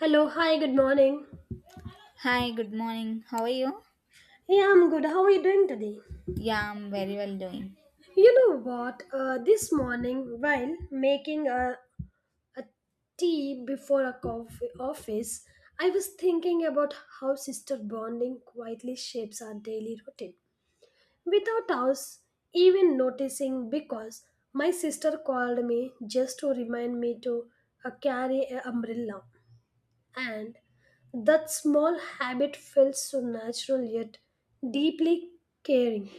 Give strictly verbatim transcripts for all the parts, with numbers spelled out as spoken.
Hello, hi, good morning. Hi, good morning. How are you? Yeah, I'm good. How are you doing today? Yeah, I'm very well doing. You know what? Uh, this morning, while making a, a tea before a coffee office, I was thinking about how sister bonding quietly shapes our daily routine without us even noticing because my sister called me just to remind me to uh, carry an umbrella. And that small habit felt so natural yet deeply caring.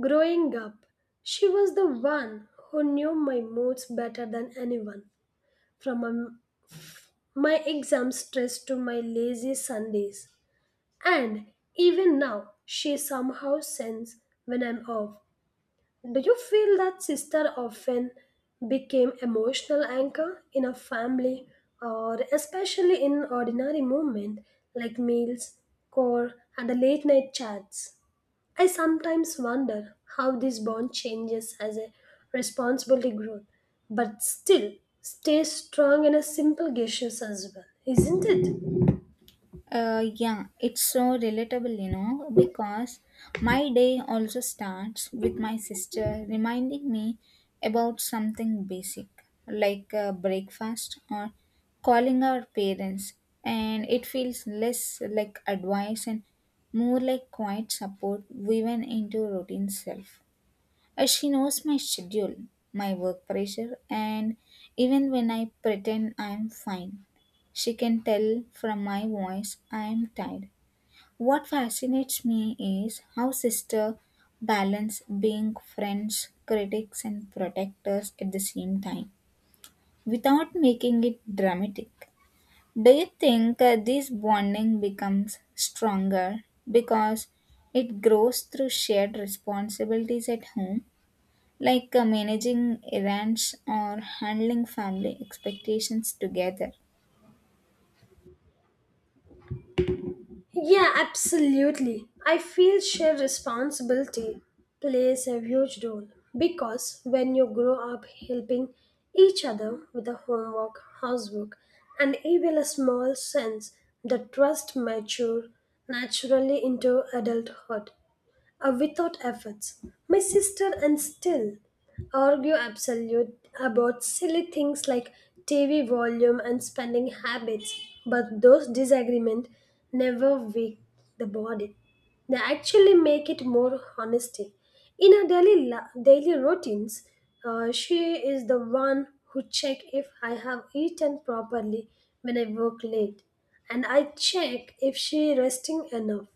Growing up, she was the one who knew my moods better than anyone, from um, my exam stress to my lazy Sundays. And even now, she somehow sends when I'm off. Do you feel that sister often became emotional anchor in a family or especially in ordinary moment like meals, core and the late night chats? I sometimes wonder how this bond changes as a responsibility grows, but still stays strong in a simple gestures as well, isn't it? Uh, yeah, it's so relatable, you know, because my day also starts with my sister reminding me about something basic like uh, breakfast or calling our parents, and it feels less like advice and more like quiet support woven into routine self. Uh, She knows my schedule, my work pressure, and even when I pretend I'm fine, she can tell from my voice I'm tired. What fascinates me is how sister balance being friends, critics, and protectors at the same time without making it dramatic. Do you think uh, this bonding becomes stronger because it grows through shared responsibilities at home, like uh, managing events or handling family expectations together? Yeah, absolutely. I feel shared responsibility plays a huge role because when you grow up helping each other with the homework, housework, and even a small sense, the trust mature naturally into adulthood uh, without efforts. My sister and still argue absolute about silly things like T V volume and spending habits, but those disagreements never weak the body. They actually make it more honesty. In her daily la- daily routines, uh, she is the one who check if I have eaten properly when I work late, and I check if she resting enough.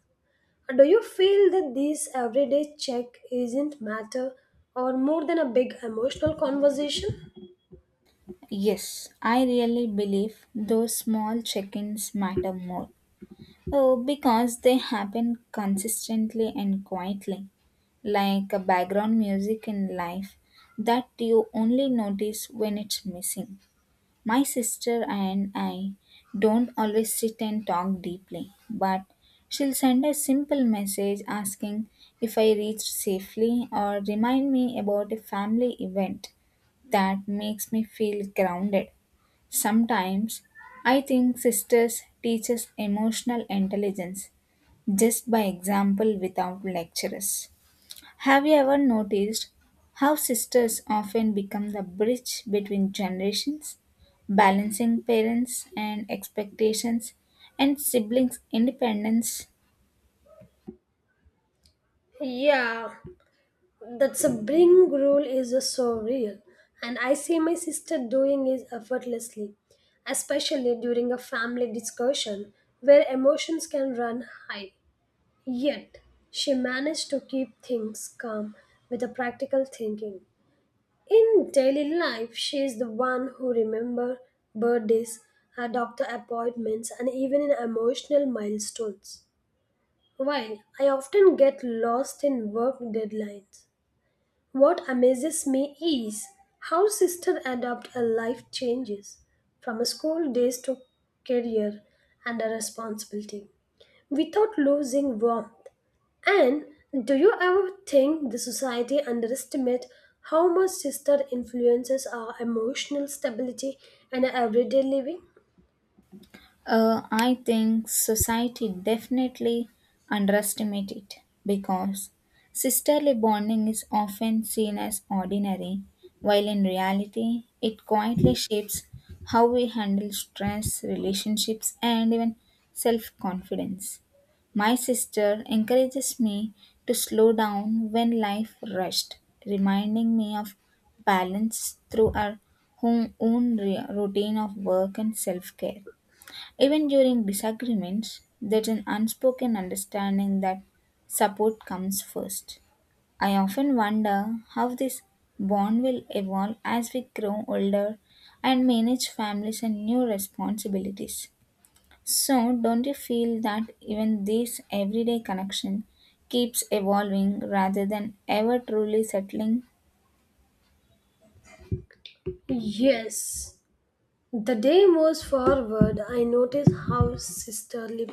Do you feel that this everyday check isn't matter or more than a big emotional conversation? Yes, I really believe those small check ins matter more. Oh, because they happen consistently and quietly, like a background music in life that you only notice when it's missing. My sister and I don't always sit and talk deeply, but she'll send a simple message asking if I reached safely or remind me about a family event that makes me feel grounded. Sometimes I think sisters teach us emotional intelligence just by example without lectures. Have you ever noticed how sisters often become the bridge between generations, balancing parents and expectations and siblings' independence? Yeah, that's a bring rule is a so real, and I see my sister doing it effortlessly, especially during a family discussion where emotions can run high. Yet, she managed to keep things calm with a practical thinking. In daily life, she is the one who remembers birthdays, her doctor appointments, and even in emotional milestones. While I often get lost in work deadlines, what amazes me is how sister adopt a life changes from school days to career and a responsibility without losing warmth. And do you ever think the society underestimate how much sister influences our emotional stability and everyday living? Uh, I think society definitely underestimates it because sisterly bonding is often seen as ordinary, while in reality, it quietly shapes how we handle stress, relationships, and even self confidence. My sister encourages me to slow down when life rushed, reminding me of balance through our home, own re- routine of work and self care. Even during disagreements, there's an unspoken understanding that support comes first. I often wonder how this bond will evolve as we grow older and manage families and new responsibilities. So, don't you feel that even this everyday connection keeps evolving rather than ever truly settling? Yes. The day moves forward, I notice how sisterly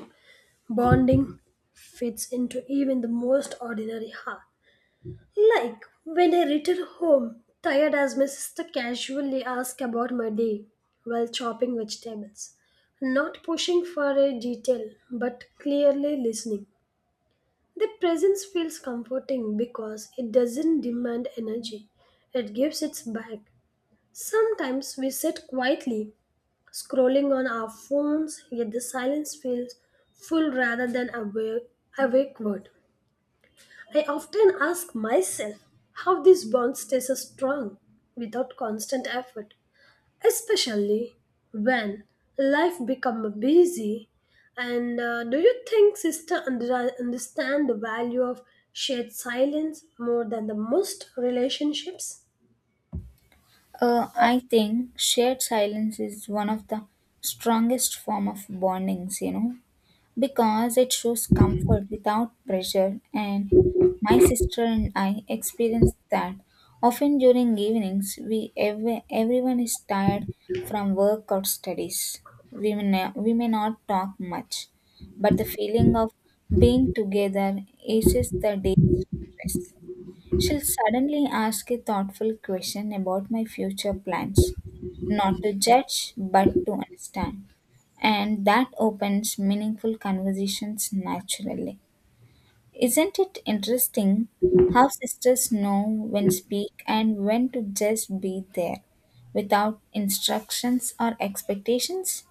bonding fits into even the most ordinary heart. Like when I returned home, tired as my sister casually asked about my day while chopping vegetables. Not pushing for a detail, but clearly listening. The presence feels comforting because it doesn't demand energy, it gives its back. Sometimes we sit quietly, scrolling on our phones, yet the silence feels full rather than a awake word. I often ask myself how this bond stays so strong without constant effort, especially when life becomes busy. And uh, do you think sister under- understand the value of shared silence more than the most relationships? Uh, I think shared silence is one of the strongest form of bondings, you know, because it shows comfort without pressure, and my sister and I experience that often during evenings. We ev- everyone is tired from work or studies. We may, we may not talk much, but the feeling of being together eases the day stress. She'll suddenly ask a thoughtful question about my future plans, not to judge, but to understand. And that opens meaningful conversations naturally. Isn't it interesting how sisters know when speak and when to just be there without instructions or expectations?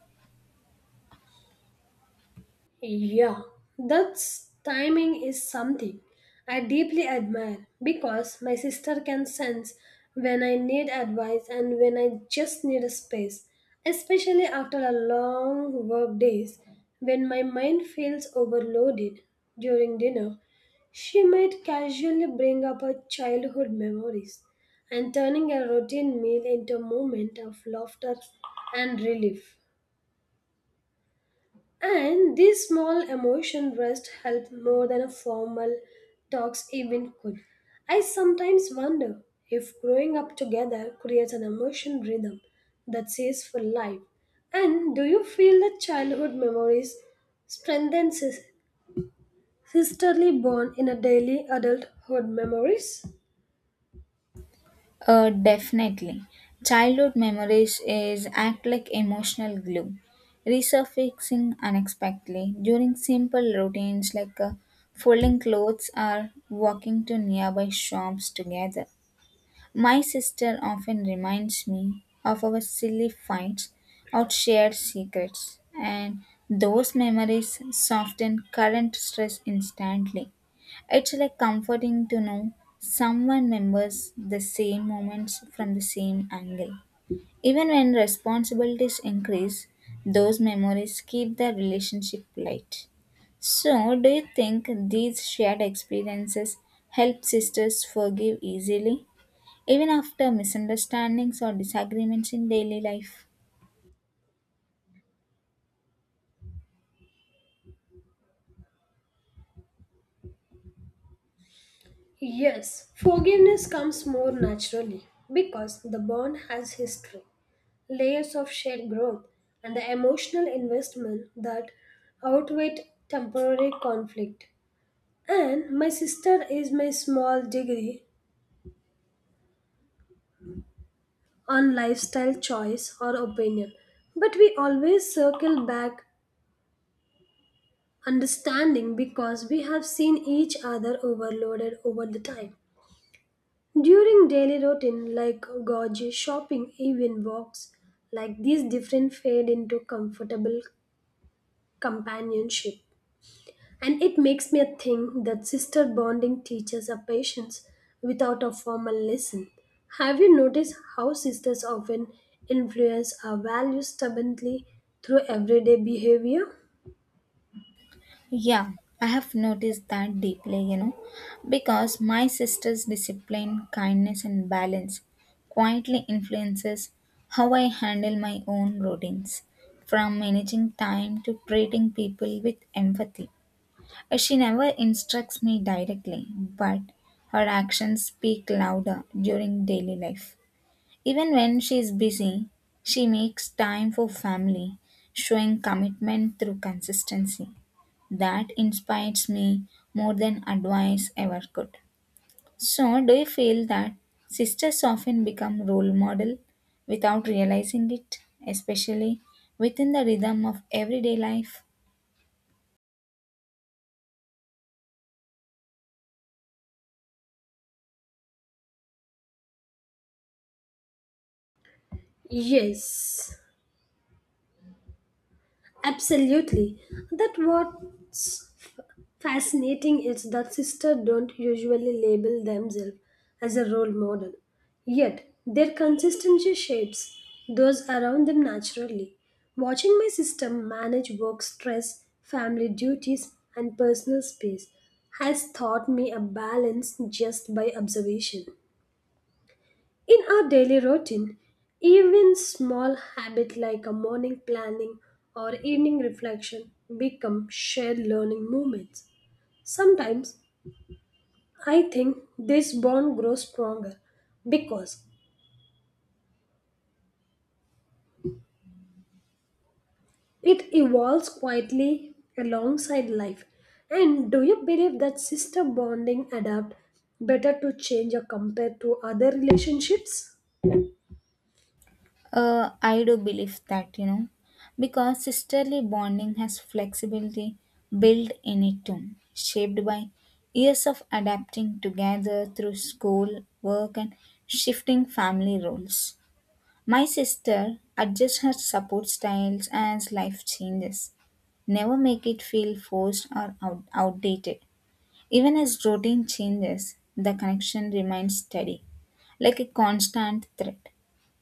Yeah, that's timing is something I deeply admire because my sister can sense when I need advice and when I just need a space, especially after a long work days when my mind feels overloaded during dinner. She might casually bring up her childhood memories and turning a routine meal into a moment of laughter and relief. And these small emotion rests help more than a formal talks even could. I sometimes wonder if growing up together creates an emotion rhythm that stays for life. And do you feel that childhood memories strengthen sis- sisterly bond in a daily adulthood memories? Uh, definitely. Childhood memories is act like emotional glue, resurfacing unexpectedly during simple routines like uh, folding clothes or walking to nearby shops together. My sister often reminds me of our silly fights or shared secrets, and those memories soften current stress instantly. It's like comforting to know someone remembers the same moments from the same angle. Even when responsibilities increase, those memories keep the relationship light. So, do you think these shared experiences help sisters forgive easily, even after misunderstandings or disagreements in daily life? Yes, forgiveness comes more naturally because the bond has history. Layers of shared growth, and the emotional investment that outweigh temporary conflict. And my sister is my small degree on lifestyle choice or opinion. But we always circle back understanding because we have seen each other overloaded over the time. During daily routine like gorgeous shopping, even walks, like these different fade into comfortable companionship. And it makes me think that sister bonding teaches a patience without a formal lesson. Have you noticed how sisters often influence our values stubbornly through everyday behavior? Yeah, I have noticed that deeply, you know, because my sister's discipline, kindness, and balance quietly influences how I handle my own routines, from managing time to treating people with empathy. Uh, She never instructs me directly, but her actions speak louder during daily life. Even when she is busy, she makes time for family, showing commitment through consistency. That inspires me more than advice ever could. So, do you feel that sisters often become role model without realizing it, especially within the rhythm of everyday life? Yes. Absolutely. That what's f- fascinating is that sisters don't usually label themselves as a role model. Yet their consistency shapes those around them naturally. Watching my sister manage work stress, family duties, and personal space has taught me a balance just by observation. In our daily routine, even small habits like a morning planning or evening reflection become shared learning moments. Sometimes I think this bond grows stronger because it evolves quietly alongside life. And do you believe that sister bonding adapt better to change or compared to other relationships? Uh, I do believe that, you know, because sisterly bonding has flexibility built in it too, shaped by years of adapting together through school, work, and shifting family roles. My sister adjusts her support styles as life changes. Never make it feel forced or out- outdated. Even as routine changes, the connection remains steady, like a constant thread.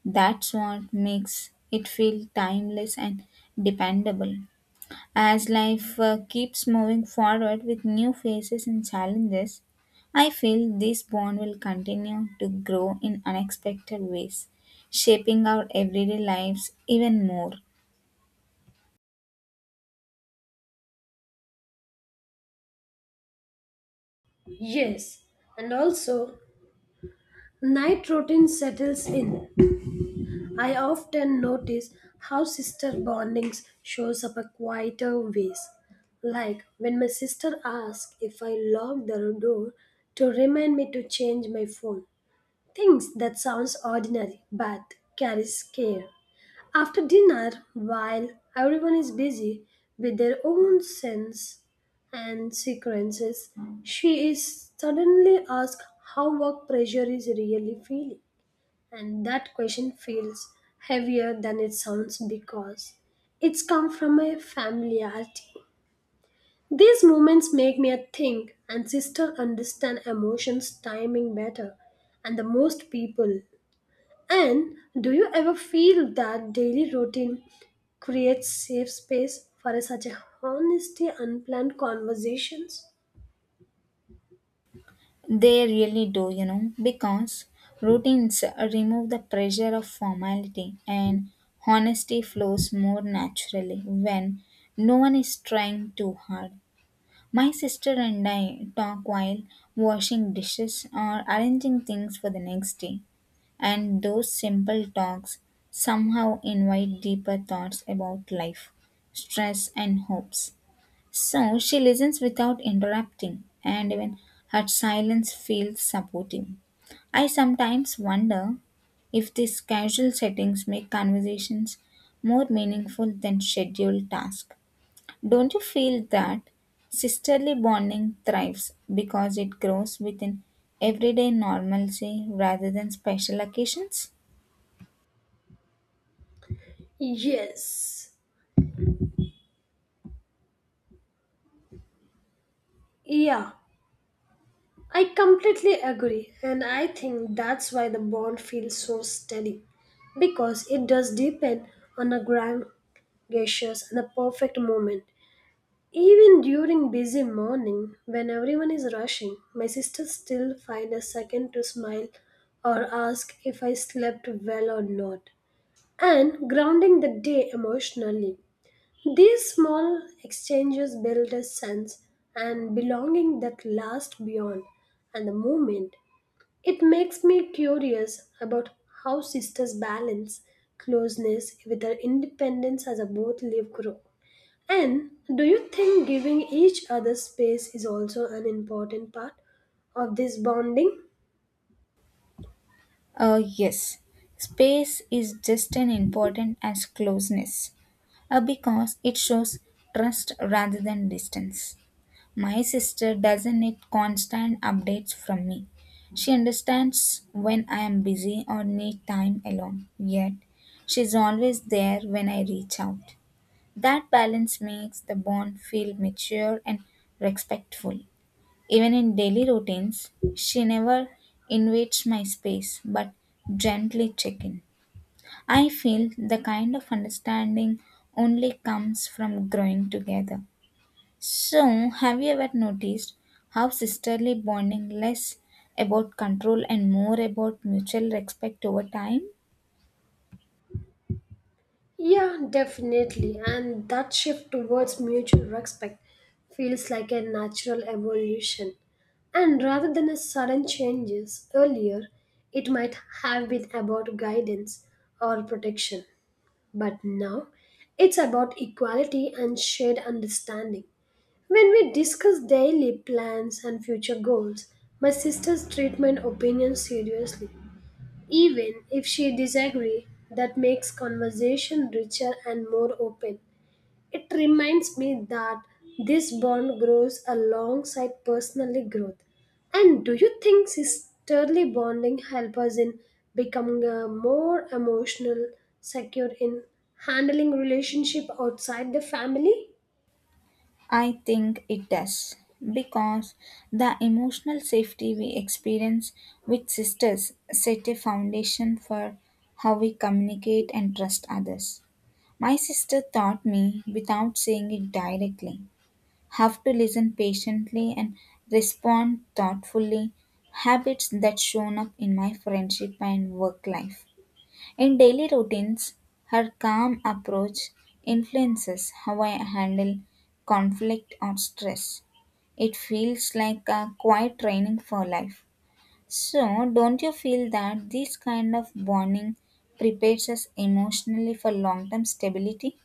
That's what makes it feel timeless and dependable. As life uh, keeps moving forward with new phases and challenges, I feel this bond will continue to grow in unexpected ways, shaping our everyday lives even more. Yes, and also night routine settles in I often notice how sister bondings shows up a quieter ways. Like when my sister asks if I lock the door to remind me to change my phone. Things that sounds ordinary but carries care. After dinner, while everyone is busy with their own sins and sequences, she is suddenly asked how work pressure is really feeling. And that question feels heavier than it sounds because it's come from a familiarity. These moments make me think and sister understand emotions timing better and the most people. And do you ever feel that daily routine creates safe space for such a honesty unplanned conversations? They really do, you know, because routines remove the pressure of formality and honesty flows more naturally when no one is trying too hard. My sister and I talk while washing dishes or arranging things for the next day, and those simple talks somehow invite deeper thoughts about life, stress, and hopes. So she listens without interrupting, and even her silence feels supportive. I sometimes wonder if these casual settings make conversations more meaningful than scheduled tasks. Don't you feel that sisterly bonding thrives because it grows within everyday normalcy rather than special occasions? Yes. Yeah. I completely agree, and I think that's why the bond feels so steady because it does depend on the grand gestures and the perfect moment. Even during busy morning, when everyone is rushing, my sister still finds a second to smile or ask if I slept well or not, and grounding the day emotionally. These small exchanges build a sense and belonging that lasts beyond and the moment. It makes me curious about how sisters balance closeness with their independence as they both live grow. And do you think giving each other space is also an important part of this bonding? Uh, yes, space is just as important as closeness, uh, because it shows trust rather than distance. My sister doesn't need constant updates from me. She understands when I am busy or need time alone, yet she's always there when I reach out. That balance makes the bond feel mature and respectful. Even in daily routines, she never invades my space but gently check in. I feel the kind of understanding only comes from growing together. So, have you ever noticed how sisterly bonding less about control and more about mutual respect over time? Yeah, definitely. And that shift towards mutual respect feels like a natural evolution. And rather than a sudden changes earlier, it might have been about guidance or protection. But now it's about equality and shared understanding. When we discuss daily plans and future goals, my sisters treat my opinion seriously. Even if she disagrees, that makes conversation richer and more open. It reminds me that this bond grows alongside personally growth. And do you think sisterly bonding help us in becoming a more emotional, secure in handling relationship outside the family? I think it does because the emotional safety we experience with sisters set a foundation for how we communicate and trust others. My sister taught me without saying it directly have to listen patiently and respond thoughtfully, habits that shown up in my friendship and work life. In daily routines, her calm approach influences how I handle conflict or stress. It feels like a quiet training for life. So, don't you feel that this kind of bonding prepares us emotionally for long term stability?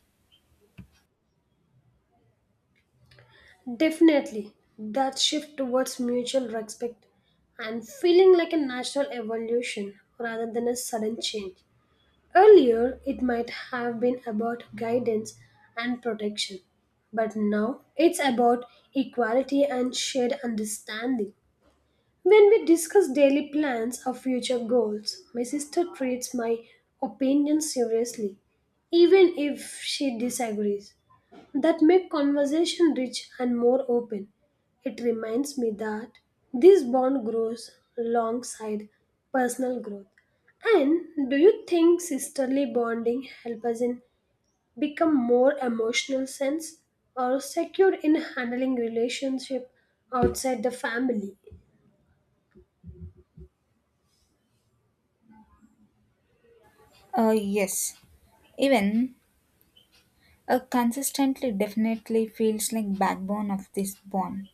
Definitely, that shift towards mutual respect and feeling like a natural evolution rather than a sudden change. Earlier, it might have been about guidance and protection, but now it's about equality and shared understanding. When we discuss daily plans or future goals, my sister treats my opinion seriously, even if she disagrees. That makes conversation rich and more open. It reminds me that this bond grows alongside personal growth. And do you think sisterly bonding help us in become more emotional sense or secure in handling relationship outside the family? Uh, yes, even a consistently definitely feels like backbone of this bond,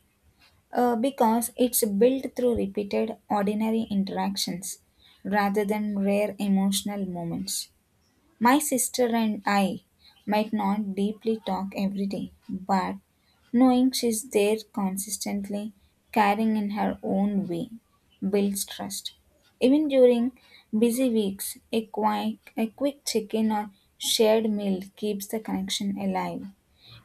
Uh, because it's built through repeated ordinary interactions rather than rare emotional moments. My sister and I might not deeply talk every day, but knowing she's there consistently, caring in her own way, builds trust. Even during busy weeks, a quick, a quick check in or shared meal keeps the connection alive.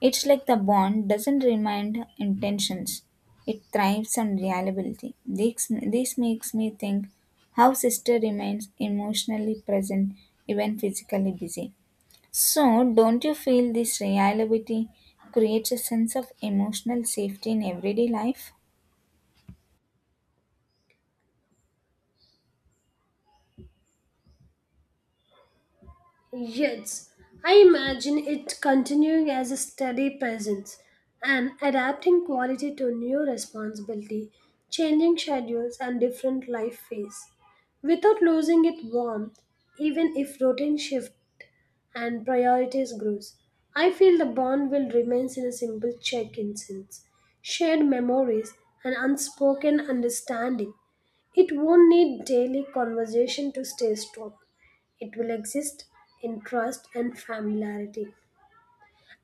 It's like the bond doesn't remind intentions. It thrives on reliability. This, this makes me think how sister remains emotionally present even physically busy. So don't you feel this reliability creates a sense of emotional safety in everyday life? Yes, I imagine it continuing as a steady presence and adapting quality to new responsibility, changing schedules and different life phase, without losing its warmth, even if routine shifts and priorities grows. I feel the bond will remain in a simple check-in sense, shared memories and unspoken understanding. It won't need daily conversation to stay strong. It will exist in trust and familiarity.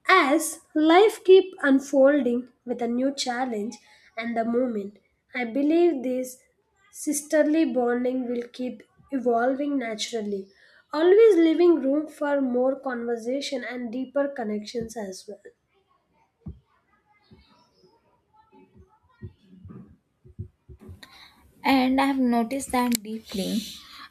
As life keeps unfolding with a new challenge and the moment, I believe this sisterly bonding will keep evolving naturally, always leaving room for more conversation and deeper connections as well. And I have noticed that deeply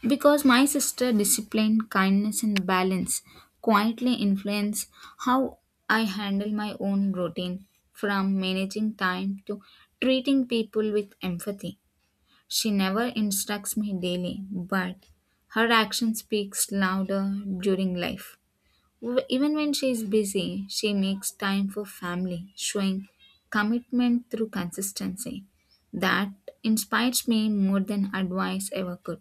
because my sister discipline, kindness, and balance quietly influence how I handle my own routine from managing time to treating people with empathy. She never instructs me daily, but her action speaks louder during life. W- Even when she is busy, she makes time for family, showing commitment through consistency. That inspires me more than advice ever could.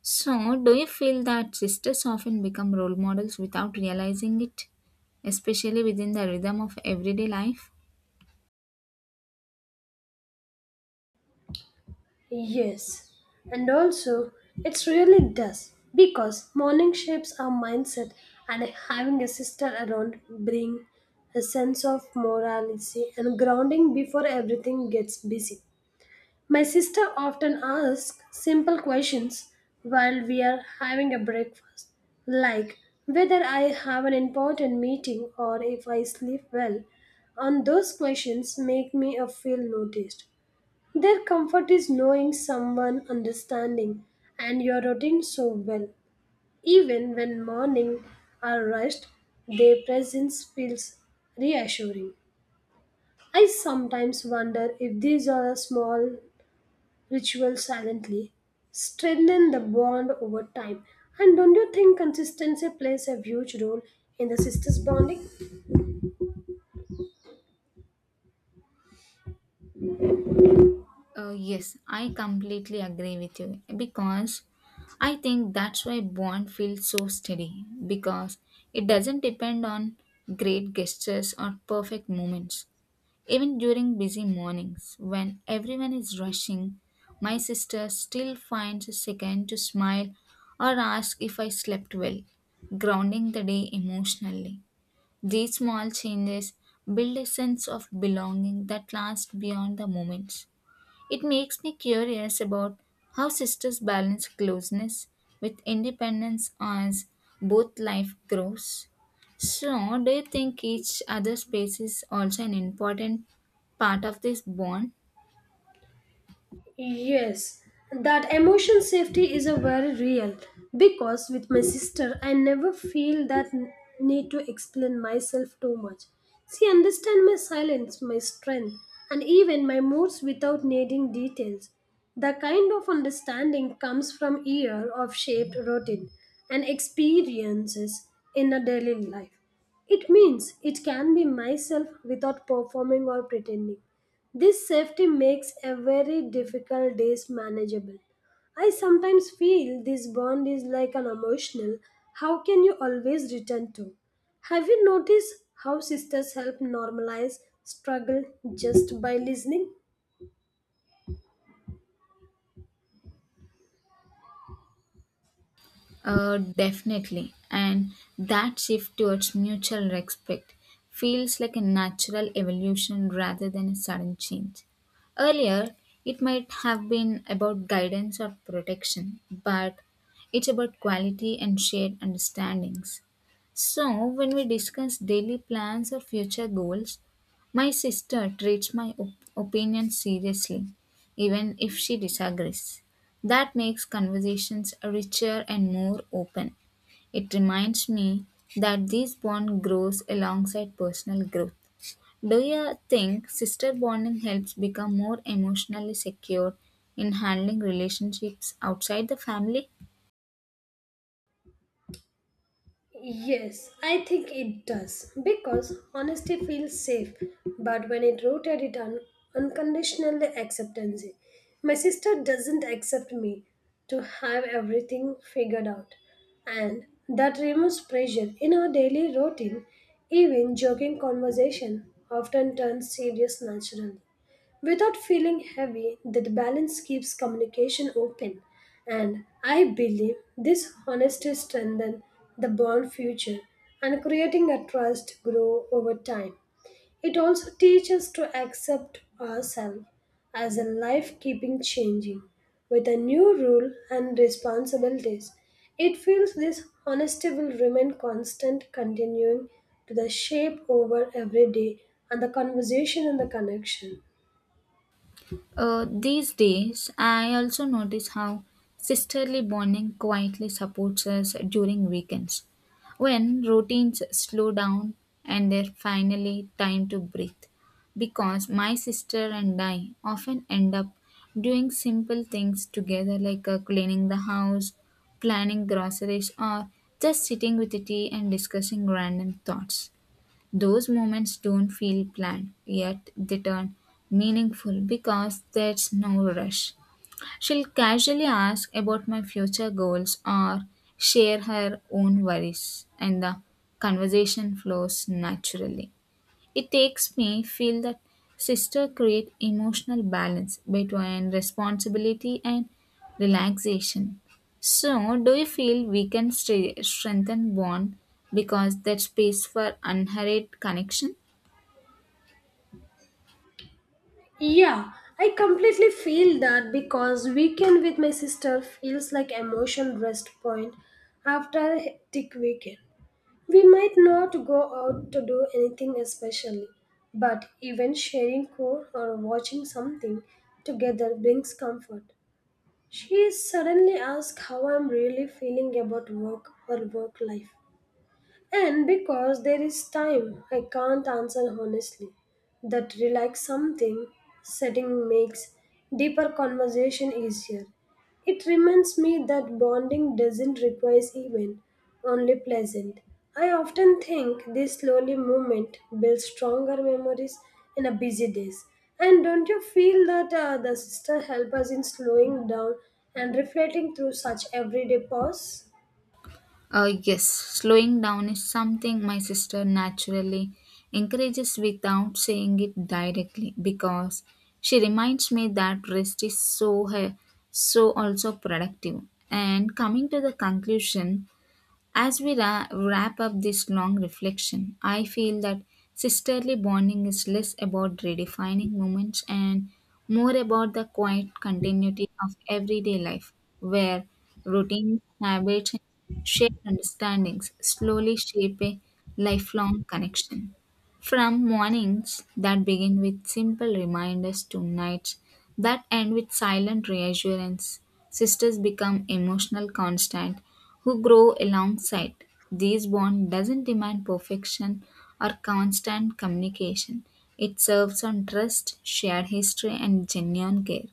So, do you feel that sisters often become role models without realizing it, especially within the rhythm of everyday life? Yes, and also it's really does because morning shapes our mindset and having a sister around bring a sense of morality and grounding before everything gets busy. My sister often asks simple questions while we are having a breakfast, like whether I have an important meeting or if I sleep well. And those questions make me uh, feel noticed. Their comfort is knowing someone understanding and your routine so well. Even when morning are rushed, their presence feels reassuring. I sometimes wonder if these are small rituals silently, strengthen the bond over time. And don't you think consistency plays a huge role in the sisters' bonding? Uh, yes, I completely agree with you because I think that's why bond feels so steady because it doesn't depend on great gestures or perfect moments. Even during busy mornings, when everyone is rushing, my sister still finds a second to smile or ask if I slept well, grounding the day emotionally. These small changes build a sense of belonging that lasts beyond the moments. It makes me curious about how sisters balance closeness with independence as both life grows. So, do you think each other's space is also an important part of this bond? Yes, that emotion safety is a very real because with my sister I never feel that n- need to explain myself too much. She understands my silence, my strength, and even my moods without needing details. The kind of understanding comes from year of shaped routine and experiences in a daily life. It means it can be myself without performing or pretending. This safety makes a very difficult days manageable. I sometimes feel this bond is like an emotional, how can you always return to? Have you noticed how sisters help normalize struggle just by listening? Uh, definitely. And that shift towards mutual respect feels like a natural evolution rather than a sudden change. Earlier, it might have been about guidance or protection, but it's about quality and shared understandings. So, when we discuss daily plans or future goals, my sister treats my op- opinion seriously, even if she disagrees. That makes conversations richer and more open. It reminds me that this bond grows alongside personal growth. Do you think sister bonding helps become more emotionally secure in handling relationships outside the family? Yes, I think it does because honesty feels safe, but when it rooted it un- unconditional acceptance. My sister doesn't accept me to have everything figured out, and that removes pressure in her daily routine. Even joking conversation often turns serious naturally. Without feeling heavy, that balance keeps communication open, and I believe this honesty strengthens the bond future and creating a trust grow over time. It also teaches to accept ourselves as a life keeping changing with a new rule and responsibilities. It feels this honesty will remain constant, continuing to the shape over every day and the conversation and the connection. Uh, these days, I also notice how sisterly bonding quietly supports us during weekends when routines slow down and there's finally time to breathe. Because my sister and I often end up doing simple things together, like uh, cleaning the house, planning groceries, or just sitting with tea and discussing random thoughts. Those moments don't feel planned, yet they turn meaningful because there's no rush. She'll casually ask about my future goals or share her own worries, and the conversation flows naturally. It takes me feel that sister create emotional balance between responsibility and relaxation. So, do you feel we can stre- strengthen bond because that space for unhurried connection? Yeah, I completely feel that because weekend with my sister feels like emotion rest point after a hectic weekend. We might not go out to do anything especially, but even sharing core or watching something together brings comfort. She suddenly asks how I'm really feeling about work or work life and because there is time, I can't answer honestly. That relax something setting makes deeper conversation easier. It reminds me that bonding doesn't require event, only pleasant. I often think this slowly movement builds stronger memories in a busy days. And don't you feel that uh, the sister help us in slowing down and reflecting through such everyday pause? Uh, yes, slowing down is something my sister naturally encourages without saying it directly because she reminds me that rest is so her, so also productive. And coming to the conclusion, as we ra- wrap up this long reflection, I feel that sisterly bonding is less about redefining moments and more about the quiet continuity of everyday life, where routines, habits, and shared understandings slowly shape a lifelong connection. From mornings that begin with simple reminders to nights that end with silent reassurance, sisters become emotional constant who grow alongside. This bond doesn't demand perfection or constant communication. It serves on trust, shared history and genuine care.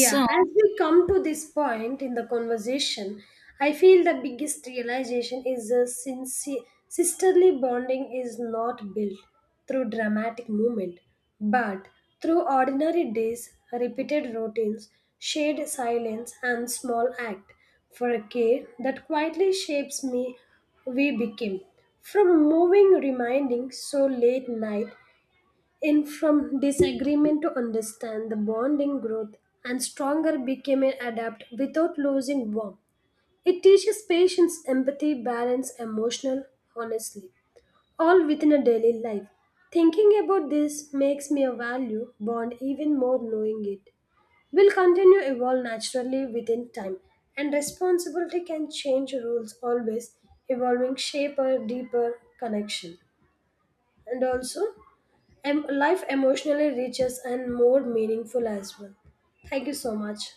Yeah, as we come to this point in the conversation, I feel the biggest realization is a sincere sisterly bonding is not built through dramatic movement, but through ordinary days, repeated routines, shared silence, and small act for a care that quietly shapes me we became. From moving reminding so late night and from disagreement to understand, the bonding growth and stronger became an adapt without losing warmth. It teaches patience, empathy, balance, emotional honestly, all within a daily life. Thinking about this makes me a value bond even more knowing it. Will continue evolve naturally within time, and responsibility can change rules always, evolving shape a deeper connection. And also, Em- life emotionally riches and more meaningful as well. Thank you so much.